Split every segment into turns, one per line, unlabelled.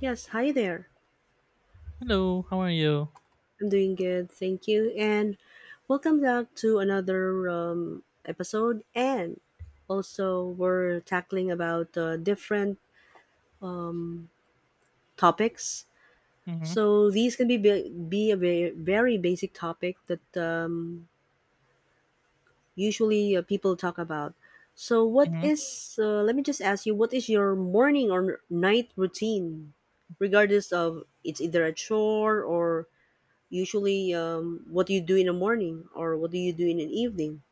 Yes, hi there.
Hello, how are you?
I'm doing good, thank you, and welcome back to another episode. And also, we're tackling about different um, topics.
hmm
So these can be be a very, very basic topic that usually people talk about. So, what
hmm
is? Let me just ask you, what is your morning or night routine, regardless of it's either a chore or usually, what do you do in the morning or what do you do in an evening?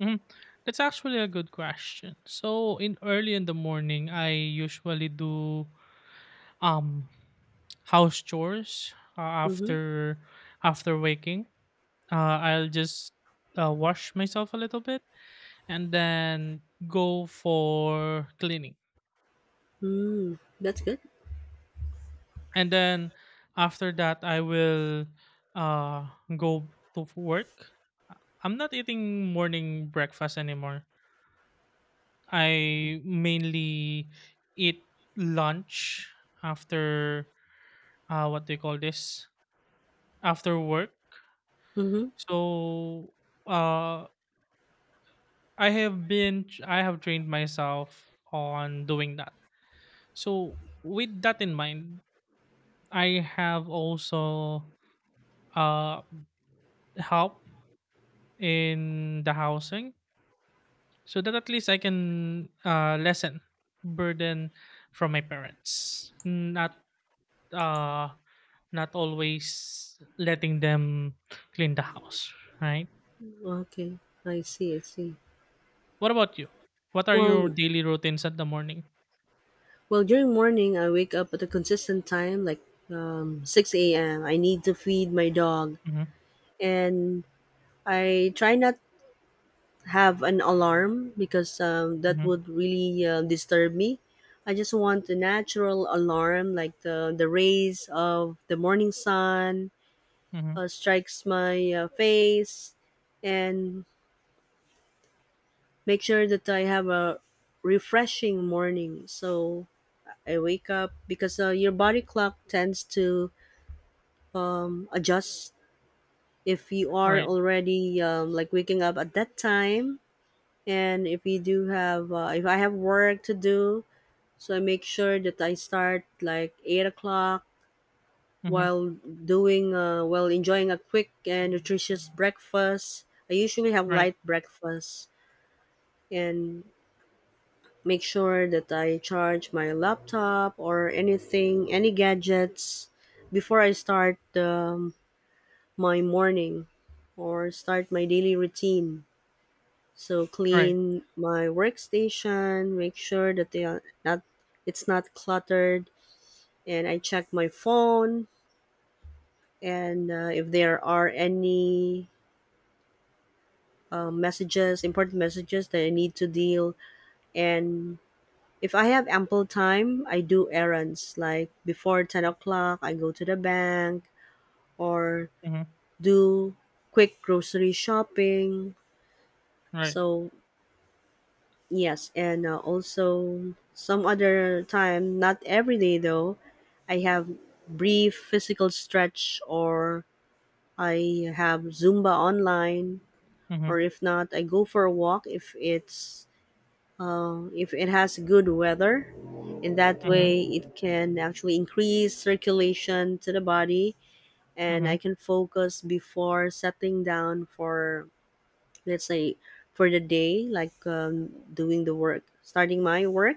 hmm That's actually a good question. So, in early in the morning, I usually do um house chores,
Mm-hmm.
after after waking. Uh, I'll just wash myself a little bit and then go for cleaning.
Mm, that's good.
And then after that, I will uh go to work. I'm not eating morning breakfast anymore. I mainly eat lunch after— what do you call this? After work.
Mm-hmm.
So uh, I have trained myself on doing that. So with that in mind, I have also uh, help in the housing so that at least I can lessen burden from my parents. Not uh not always letting them clean the house, right?
Okay, I see. I see.
What about you? What are your
Well,
daily routines at the morning?
well, during morning, I wake up at a consistent time, like six a.m. I need to feed my dog,
Mhm,
and I try not have an alarm because that
mhm,
would really disturb me. I just want a natural alarm, like the rays of the morning sun
mhm.
strikes my face and make sure that I have a refreshing morning. So I wake up because your body clock tends to adjust if you are
Right.
already like waking up at that time. And if you do have if I have work to do, so I make sure that I start like 8 o'clock
Mhm.
while doing while enjoying a quick and nutritious breakfast. I usually have
Right.
light breakfast and make sure that I charge my laptop or anything, any gadgets before I start my morning or start my daily routine. So
Right.
clean my workstation, make sure that they are not it's not cluttered, and I check my phone and if there are any important messages that I need to deal. And if I have ample time, I do errands. Like before 10 o'clock, I go to the bank or
Mhm.
do quick grocery shopping.
Right.
So, yes, and also some other time, not every day though, I have brief physical stretch or I have Zumba online. Or
Mhm.
if not, I go for a walk if it's if it has good weather. In that
Mhm.
way, it can actually increase circulation to the body, and I
Mhm.
can focus before settling down for, let's say, for the day, like doing the work, starting my work.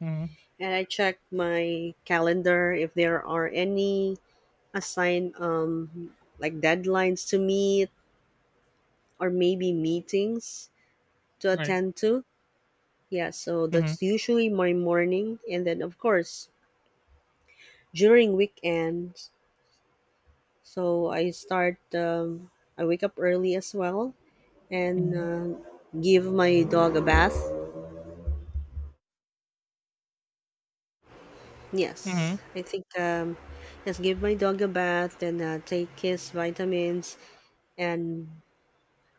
Mhm.
And I check my calendar if there are any assigned like deadlines to meet or maybe meetings to
Right.
attend to. Yeah, so
Mhm.
that's usually my morning. And then, of course, during weekends. So I start, I wake up early as well and
Mhm.
give my dog a bath. Yes,
Mhm.
I think, yes, give my dog a bath, then take his vitamins and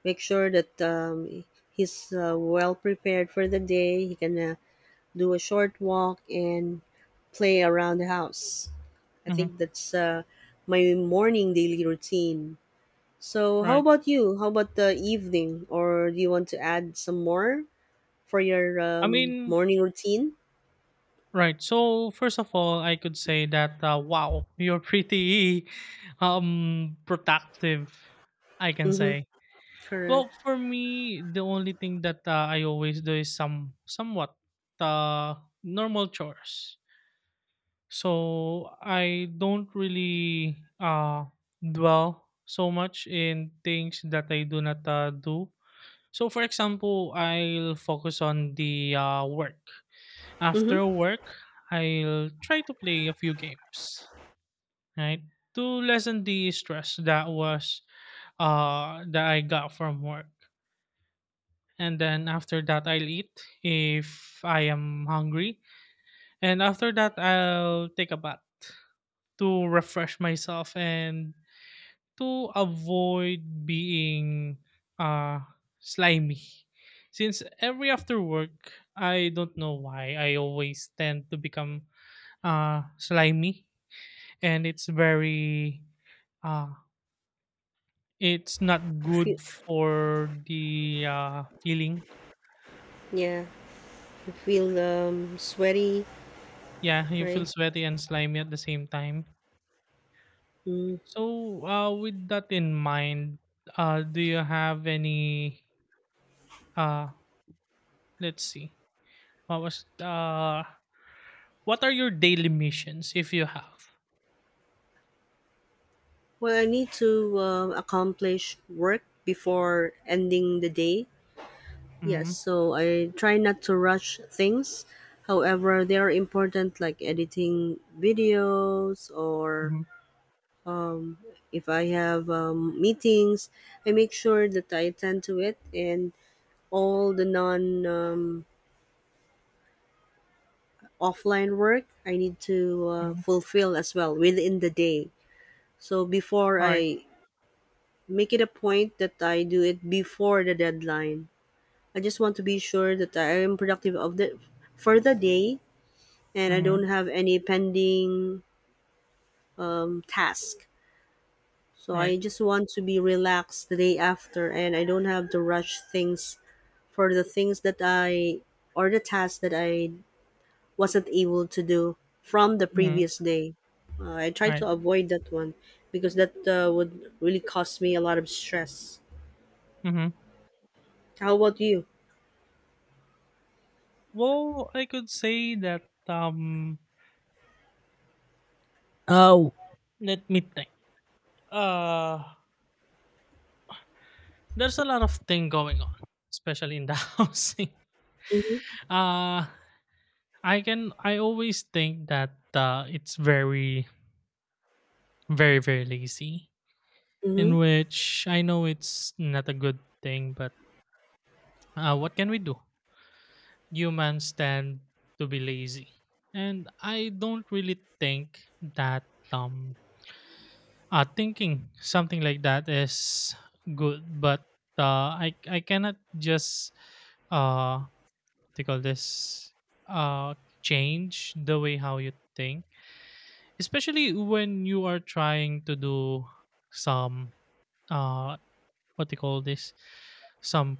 make sure that he's well prepared for the day. He can do a short walk and play around the house. I
Mhm.
think that's my morning daily routine. So, how
Right.
about you? How about the evening? Or do you want to add some more for your
I mean,
morning routine?
right. So first of all, I could say that, wow, you're pretty productive, I can
Mm-hmm.
say.
Correct.
Well, for me, the only thing that I always do is somewhat normal chores. So I don't really dwell so much in things that I do not do. So, for example, I'll focus on the work.
Mm-hmm.
After work, I'll try to play a few games, right, to lessen the stress that was— that I got from work. And then after that I'll eat if I am hungry, and after that I'll take a bath to refresh myself and to avoid being uh slimy. Since every after work, I don't know why I always tend to become slimy, and it's very— uh it's not
Feel,
good for the feeling.
yeah. I feel sweaty,
Yeah, you
right?
feel sweaty and slimy at the same time.
Mm.
So, with that in mind, do you have any? Uh, let's see. What was? What are your daily missions if you have?
Well, I need to accomplish work before ending the day. Yes,
Mm-hmm.
so I try not to rush things. However, they are important like editing videos or
Mm-hmm.
if I have meetings, I make sure that I attend to it and all the non offline work I need to
Mm-hmm.
fulfill as well within the day. So before
All right.
I make it a point that I do it before the deadline. I just want to be sure that I am productive of the for the day and I don't
Mm-hmm.
have any pending task. So
Right.
I just want to be relaxed the day after and I don't have to rush things for the tasks that I wasn't able to do from the
Mm-hmm.
previous day. I try
Right.
to avoid that one because that would really cause me a lot of stress.
Mm-hmm.
How about you?
Well, I could say that. Oh, let me think. Uh, there's a lot of thing going on, especially in the housing.
Mm-hmm,
Uh, I can. I always think that, it's very very lazy,
mm-hmm,
in which I know it's not a good thing, but what can we do? Humans tend to be lazy, and I don't really think that thinking something like that is good, but I cannot just uh they call this— uh change the way how you think, especially when you are trying to do some— uh what they call this, some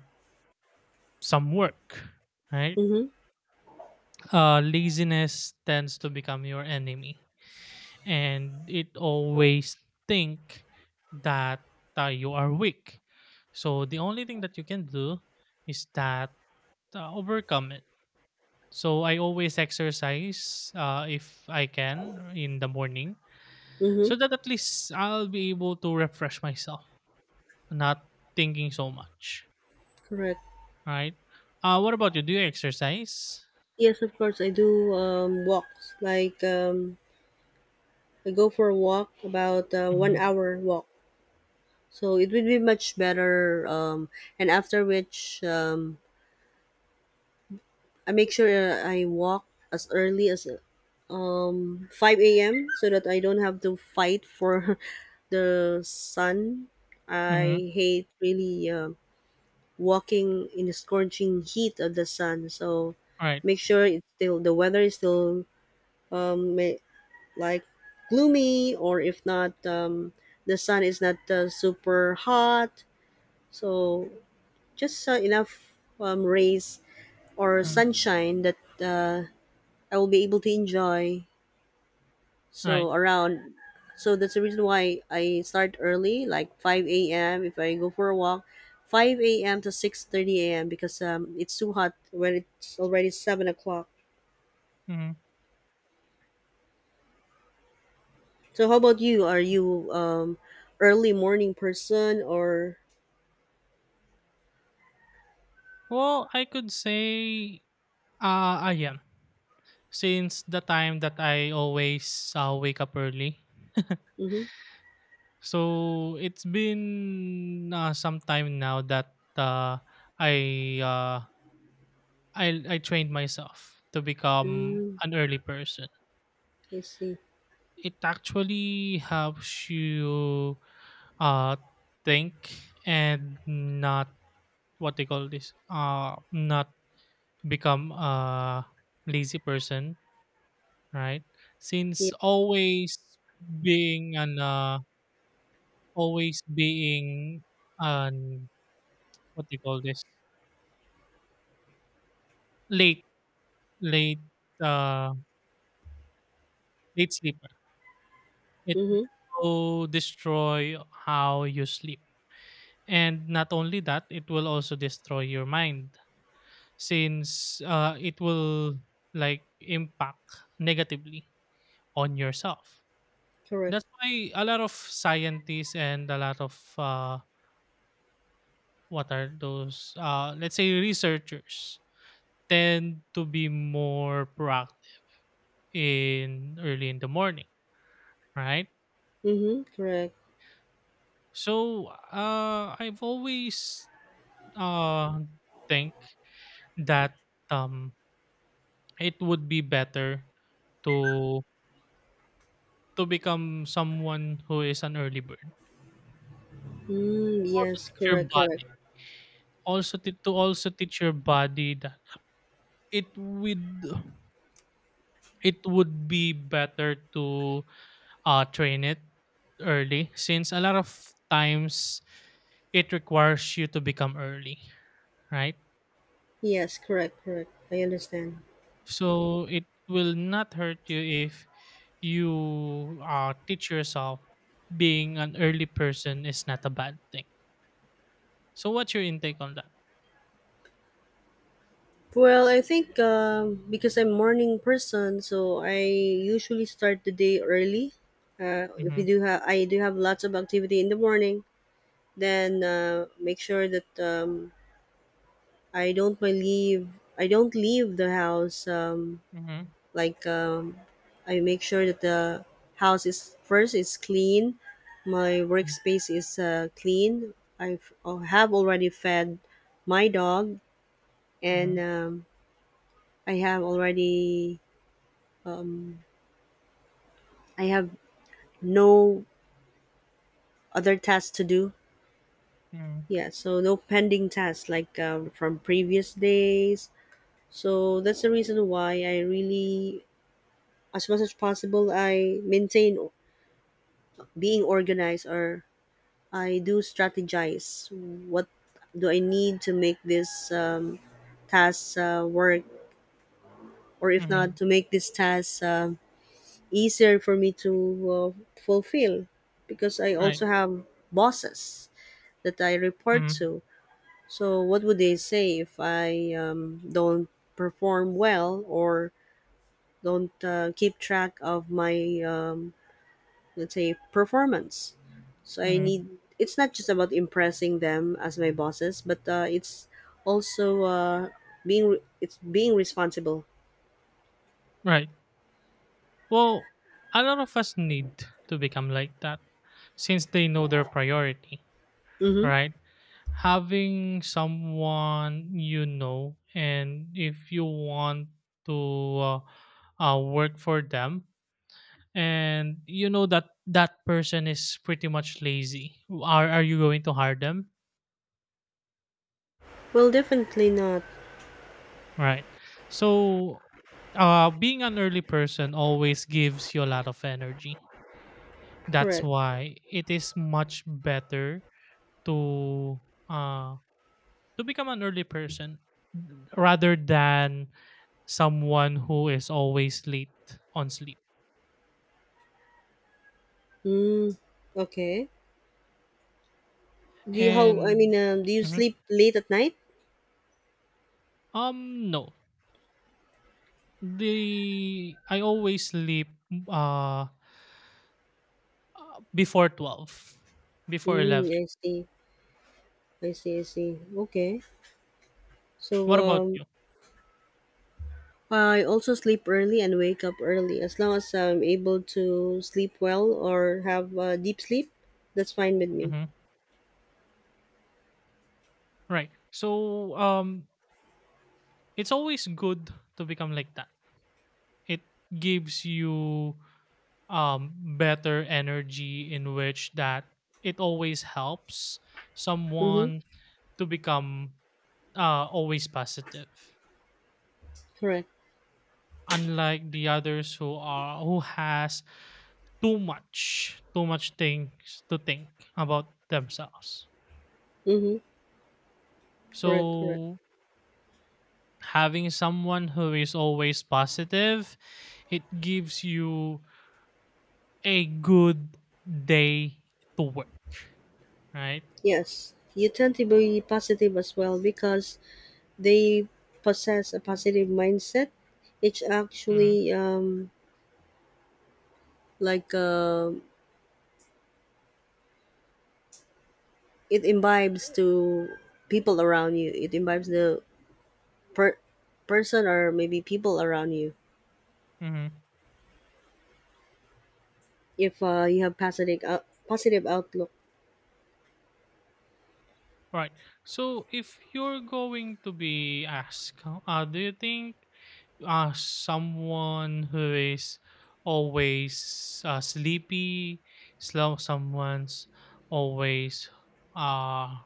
some work, right?
mm-hmm,
Laziness tends to become your enemy, and it always think that, you are weak. So the only thing that you can do is that, overcome it. So I always exercise, if I can in the morning,
mm-hmm.
so that at least I'll be able to refresh myself, not thinking so much,
Correct.
right? What about you, do you exercise?
Yes, of course. I do walks. Like I go for a walk, about one
Mhm,
hour walk. So it would be much better. And after which, I make sure I walk as early as 5 a.m. so that I don't have to fight for the sun.
mhm,
I hate really walking in the scorching heat of the sun. So
right,
make sure it's still the weather is still um, ma- like gloomy, or if not, the sun is not super hot. So just enough rays or
mm,
sunshine that I will be able to enjoy.
right,
So around so that's the reason why I start early like 5 a.m, if I go for a walk 5 a.m to 6:30 a.m, because it's too hot when it's already 7 o'clock.
mhm.
So how about you, are you early morning person or
Well, I could say, ayan, since the time that I always, wake up early.
mm-hmm.
So, it's been, some time now that, I, uh, I trained myself to become
Mm,
an early person.
I see.
It actually helps you, uh, think and not— what they call this, not become a lazy person, right?
Yeah.
Since always being an— always being an— what do you call this? late late uh Late sleeper, it
Mm-hmm.
will destroy how you sleep. And not only that, it will also destroy your mind, since it will like impact negatively on yourself.
Correct.
That's why a lot of scientists and a lot of what are those? Let's say researchers tend to be more proactive in early in the morning, right?
Mm-hmm. Correct.
So I've always uh, think that um, it would be better to— to become someone who is an early bird.
Mm,
Also
yes,
teach your
correct, correct.
body. Also t- to also teach your body that it would— it would be better to train it early, since a lot of times it requires you to become early, right?
Yes, correct, correct, I understand.
So it will not hurt you if you teach yourself being an early person is not a bad thing. So what's your intake on that?
Well, I think because I'm morning person, so I usually start the day early. If you
Mm-hmm.
do have, I do have lots of activity in the morning. Then make sure that I don't my leave. I don't leave the house.
Mm-hmm.
Like um, I make sure that the house is clean. My workspace is clean. I have already fed my dog, and
Mm-hmm.
I have already um, I have no other tasks to do.
Mm-hmm. Mm-hmm.
Yeah, so no pending tasks like from previous days. So that's the reason why I really, as much as possible, I maintain being organized or I do strategize. What do I need to make this task work, or if not,
Mm-hmm.
to make this task easier for me to uh, fulfill? Because I
Right.
also have bosses that I report
Mm-hmm.
to. So, what would they say if I don't perform well or don't keep track of my, let's say, performance? So, I
Mm-hmm.
need it's not just about impressing them as my bosses, but it's also it's being responsible.
Right. Well, a lot of us need to become like that since they know their priority,
Mm-hmm.
right? Having someone you know, and if you want to work for them, and you know that that person is pretty much lazy, are you going to hire them?
Well, definitely not
Right. So, being an early person always gives you a lot of energy. That's
correct.
why it is much better to uh to become an early person rather than someone who is always late on sleep.
Mm, okay. Do you how I mean?
And
Do you
mhm.
sleep late at night?
No. The I always sleep uh before 12, before 11.
Mm, I see. I see. I see. Okay. So
What about you?
I also sleep early and wake up early. As long as I'm able to sleep well or have deep sleep, that's fine with me.
Mhm. Right. So um it's always good to become like that. It gives you better energy, in which that it always helps
Mm-hmm.
someone to become always positive,
Correct.
unlike the others who are who has too much things to think about themselves.
Mm-hmm. Correct. Correct.
So having someone who is always positive, it gives you a good day to work, right?
Yes, you tend to be positive as well because they possess a positive mindset. It's
mm-hmm.
actually like uh, it imbibes to people around you. It imbibes the per- person or maybe people around you.
mm-hmm.
If you have positive outlook.
Right. So if you're going to be asked, do you think someone who is always sleepy, slow, someone's always uh,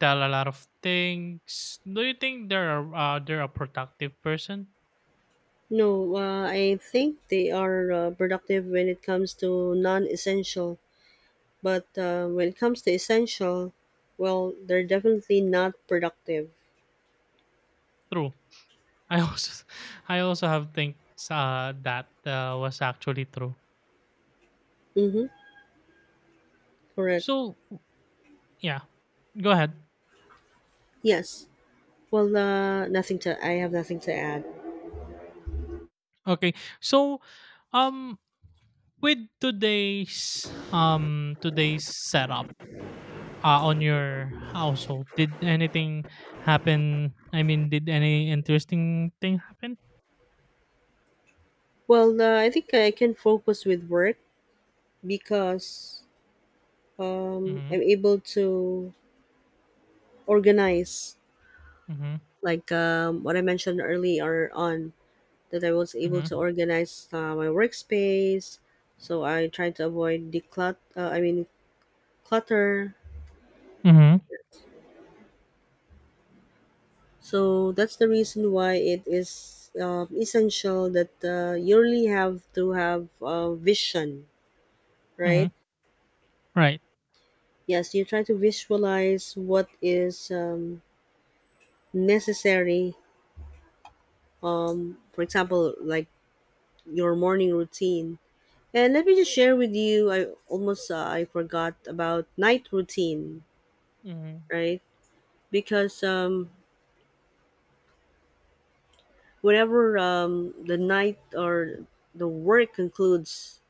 tell a lot of things, do you think they're they're a productive person?
No, I think they are productive when it comes to non-essential, but when it comes to essential, well, they're definitely not productive.
True. I also I also have thinks that was actually true.
Mm-hmm. Correct.
So yeah, go ahead.
Yes. Well, nothing to. I have nothing to add.
Okay. So um with today's setup, on your household, did anything happen? I mean, did any interesting thing happen?
Well, I think I can focus with work because
Mhm
I'm able to organize,
mhm
like what I mentioned earlier on, that I was able to
mhm
organize my workspace. So I try to avoid declut. I mean clutter.
mhm
So that's the reason why it is essential that you really have to have a vision, right?
mhm right
Yes, you try to visualize what is necessary. For example, like your morning routine. And let me just share with you. I almost I forgot about night routine,
mhm
right? Because whenever the night or the work concludes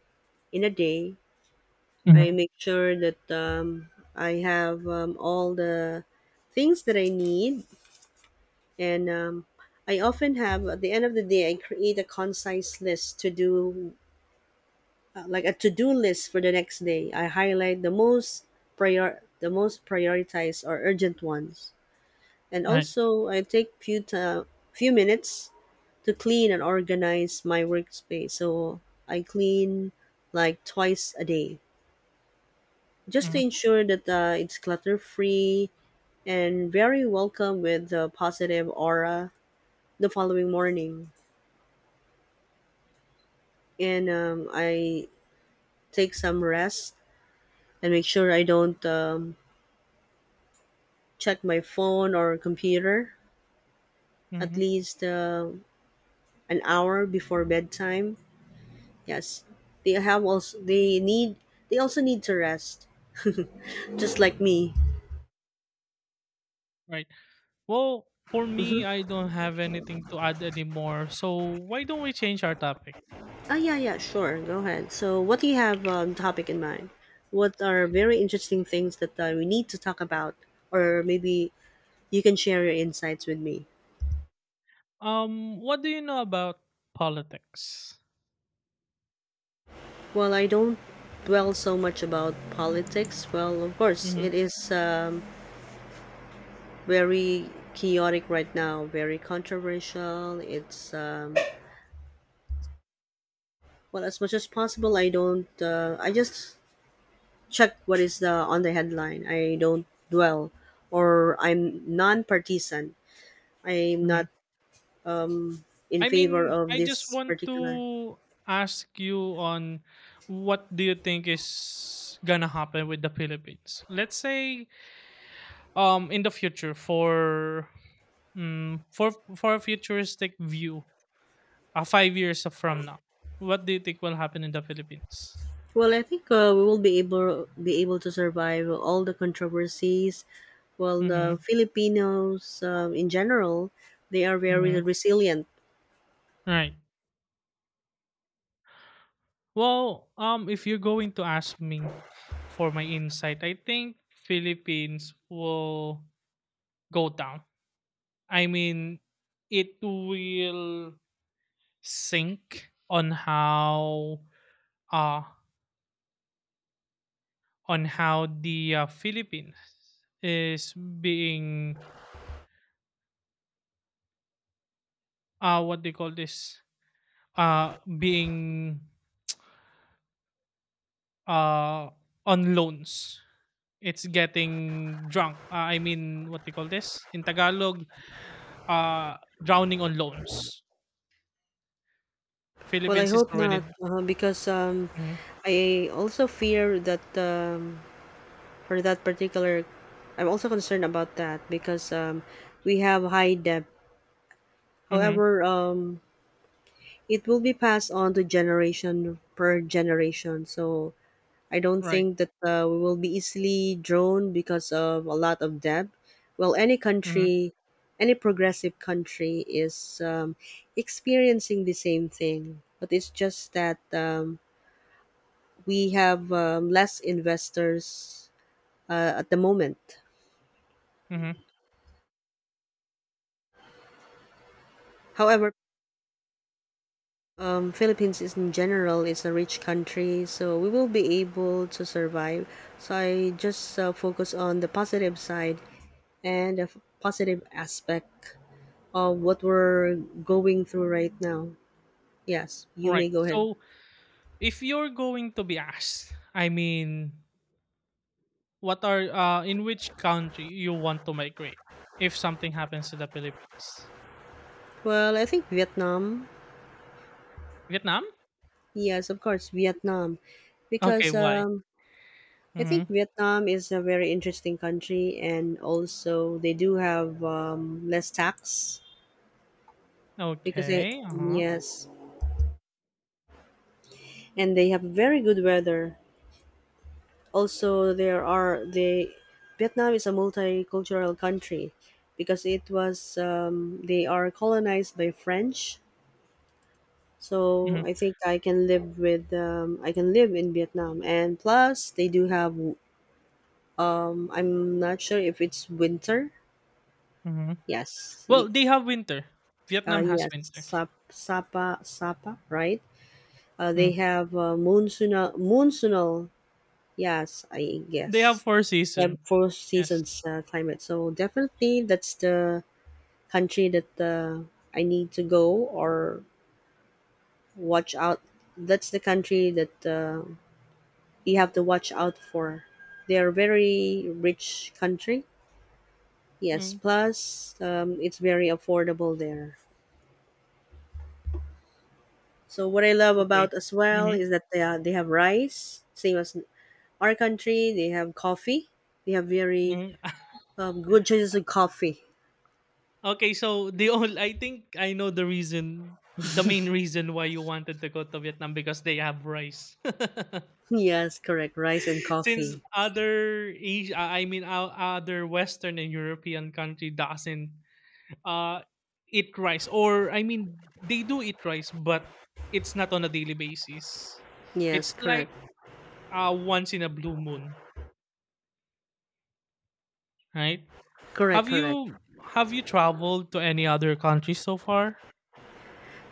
in a day, I
mhm
make sure that I have all the things that I need, and I often have at the end of the day I create a concise list to do, like a to do list for the next day. I highlight the most prioritized or urgent ones. And
right
also, I take few minutes to clean and organize my workspace. So I clean like twice a day, just to
mhm
ensure that it's clutter free and very welcome with a positive aura the following morning. And I take some rest and make sure I don't check my phone or computer at
mhm
least an hour before bedtime. Yes, they have also they need they also need to rest, just like me.
right Well, for me, I don't have anything to add anymore, so why don't we change our topic?
Ah, yeah, yeah, sure. Go ahead. So, what do you have topic in mind? What are very interesting things that we need to talk about, or maybe you can share your insights with me?
What do you know about politics?
Well, I don't dwell so much about politics. Well, of course,
Mhm.
it is very chaotic right now, very controversial. It's well, as much as possible, I don't. I just check what is the on the headline. I don't dwell, or I'm non-partisan. I'm not in
I
favor
mean,
of
I just
this
want
particular.
to ask you on, what do you think is gonna happen with the Philippines? Let's say in the future for for a futuristic view, 5 years from now, what do you think will happen in the Philippines?
Well, I think we will be able to survive all the controversies. Well, the
Mm-hmm.
Filipinos in general, they are very
Mm-hmm.
resilient.
Right. Well, if you're going to ask me for my insight, I think Philippines will go down. I mean, it will sink on how— uh on how the, Philippines is being— what they call this— being uh on loans. It's getting drunk. I mean, what they call this in Tagalog, uh, drowning on loans.
Well, I
Philippines is
hope not,
already—
because
Mhm.
I also fear that for that particular, I'm also concerned about that because we have high debt.
Mhm.
However, it will be passed on to generation per generation. So I don't
Right.
think that we will be easily drawn because of a lot of debt. Well, any
Mhm.
country, any progressive country is experiencing the same thing, but it's just that we have less investors at the moment.
Mhm.
However, Philippines is in general is a rich country, so we will be able to survive. So I just focus on the positive side and the positive aspect of what we're going through right now. Yes, you
Right.
may go ahead.
So if you're going to be asked, I mean, what are— in which country you want to migrate if something happens to the Philippines?
Well, I think Vietnam.
Vietnam?
Yes, of course, Vietnam,
Okay,
because
why?
I think
hmm
Vietnam is a very interesting country, and also they do have less tax because they
Okay. Uh huh.
yes and they have very good weather. Also, there are the Vietnam is a multicultural country because it was they are colonized by French. So
hmm
I think I can live with I can live in Vietnam, and plus they do have. I'm not sure if it's winter.
hmm
Yes,
Well, they have winter. Vietnam has
yes,
winter.
Sapa, right? They
Mm.
have monsoonal. Yes, I
They have
guess.
four
Yeah,
season.
four
Yes.
seasons climate. So definitely, that's the country that I need to go or watch out. That's the country that you have to watch out for. They are very rich country. Yes,
Mm.
plus it's very affordable there. So what I love
Okay.
about as well
hmm
is that they have rice, same as our country. They have coffee. They have very
hmm
good choices of coffee.
Okay, so the only— I think I know the reason, the main reason why you wanted to go to Vietnam, because they have rice.
Yes, correct. Rice and
Since
coffee.
other Asia, I mean other Western and European country doesn't uh eat rice, or I mean they do eat rice, but it's not on a daily basis.
Yes,
It's like
correct.
once in a blue moon, right?
Correct, correct.
Have you traveled to any other countries so far?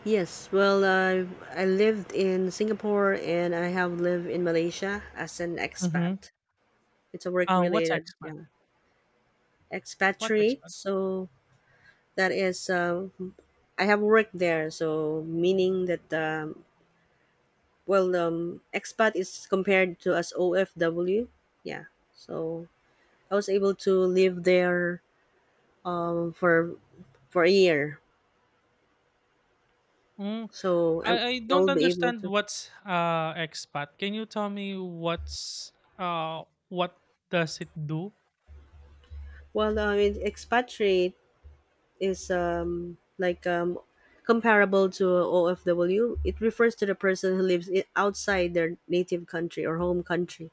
Yes, well, I lived in Singapore and I have lived in Malaysia as an
Mm-hmm.
expat. It's a work
What's
related,
expat?
yeah,
What's
expatriate.
expat?
So that is, I have worked there. So meaning that, well, expat is compared to as OFW. Yeah. So I was able to live there, um, for for a year
Mm.
so I'm,
I
I
don't
will be able
understand
to.
what's expat. Can you tell me what's what does it do?
Well, I mean, expatriate is like comparable to OFW. It refers to the person who lives outside their native country or home country.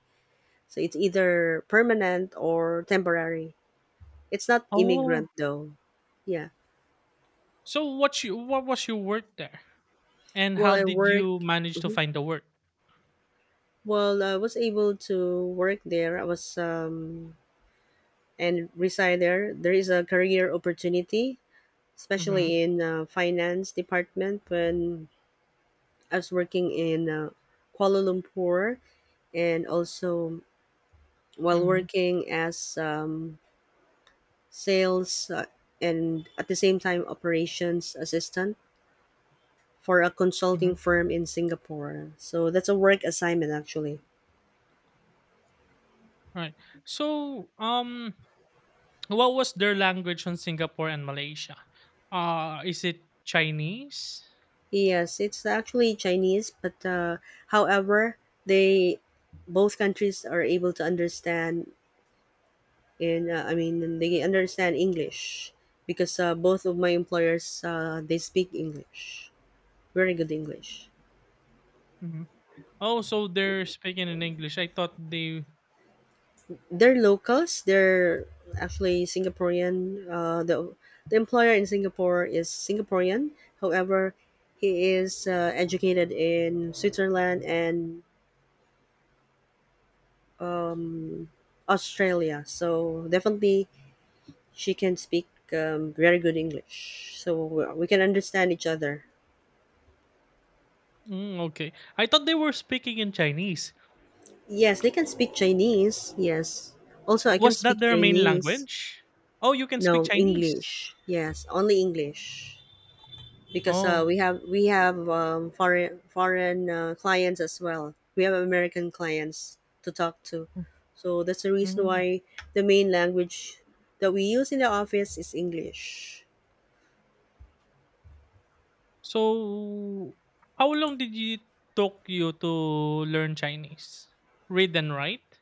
So it's either permanent or temporary. It's not
Oh,
immigrant though. Yeah.
so what was your work there, and
Well,
how
I
did
work.
you manage to
Mhm.
find the work?
Well, I was able to work there. I was and reside there. There is a career opportunity
Mm-hmm.
especially in finance department when I was working in Kuala Lumpur and also while
Mm-hmm.
working as sales and at the same time operations assistant for a
Mm-hmm.
consulting firm in Singapore. So that's a work assignment actually.
Right. So what was their language on Singapore and Malaysia? Is it Chinese?
Yes, it's actually Chinese, but however, they both countries are able to understand and I mean they understand English because both of my employers they speak English, very good English.
Mm-hmm. Oh, so they're speaking in English. I thought they.
They're locals. They're actually Singaporean. The employer in Singapore is Singaporean. However, he is educated in Switzerland and um, Australia. So definitely, she can speak very good English. So we can understand each other.
Mm, okay, I thought they were speaking in Chinese.
Yes, they can speak Chinese. Yes. Also, I can
Was
speak
that their main
Chinese.
language? Oh, you can speak
No,
Chinese.
English. Yes, only English because
Oh,
we have foreign clients as well. We have American clients to talk to, so that's the reason
mm.
why the main language that we use in the office is English.
So, how long did you— took you to learn Chinese? Read and write?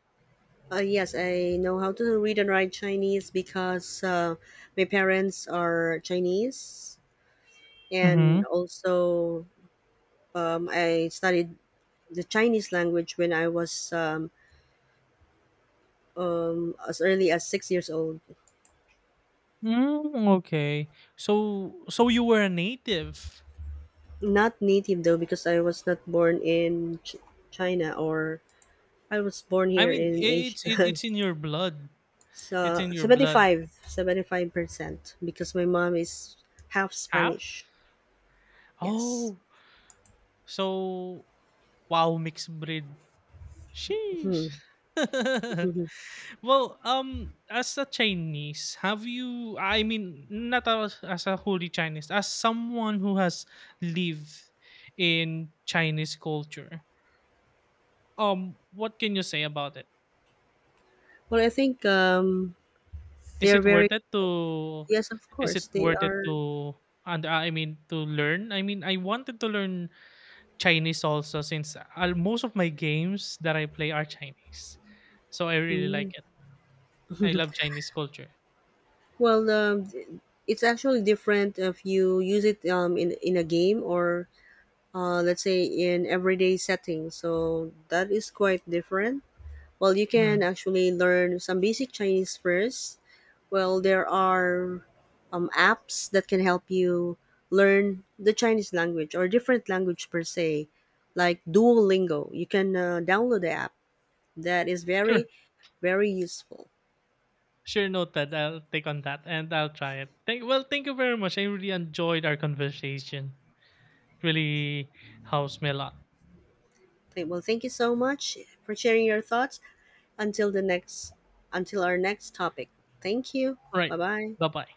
Yes, I know how to read and write Chinese because my parents are Chinese, and
Mhm.
also I studied the Chinese language when I was as early as 6 years old.
Mm, okay. So, so you were a native.
Not native though, because I was not born in China or I was born
I
here
mean,
in
I it's
Asia.
it's in your blood. It's
So
in your blood.
75% because my mom is half
Half?
Spanish. Yes.
Oh, so wow, mixed breed. Sheesh.
Mhm. Mhm.
Well, as a Chinese, have you? I mean, not as— as a wholly Chinese, as someone who has lived in Chinese culture. What can you say about it?
Well, I think they
Is
are
it
very,
worth it to?
yes, of
Is
course,
it
they
worth it
are.
to? And I mean to learn. I mean, I wanted to learn Chinese also, since most of my games that I play are Chinese, so I really
Hmm.
like it. I love Chinese culture.
Well, it's actually different if you use it in a game or let's say in everyday setting. So that is quite different. Well, you can
Hmm.
actually learn some basic Chinese first. Well, there are apps that can help you learn the Chinese language or different language per se, like Duolingo. You can download the app. That is
Sure.
very useful.
Sure, noted. I'll take on that and I'll try it. Thank— well, thank you very much. I really enjoyed our conversation. Really helps me a lot.
Well, thank you so much for sharing your thoughts. Until the next, until our next topic. Thank you.
Right.
Bye-bye.
Bye bye.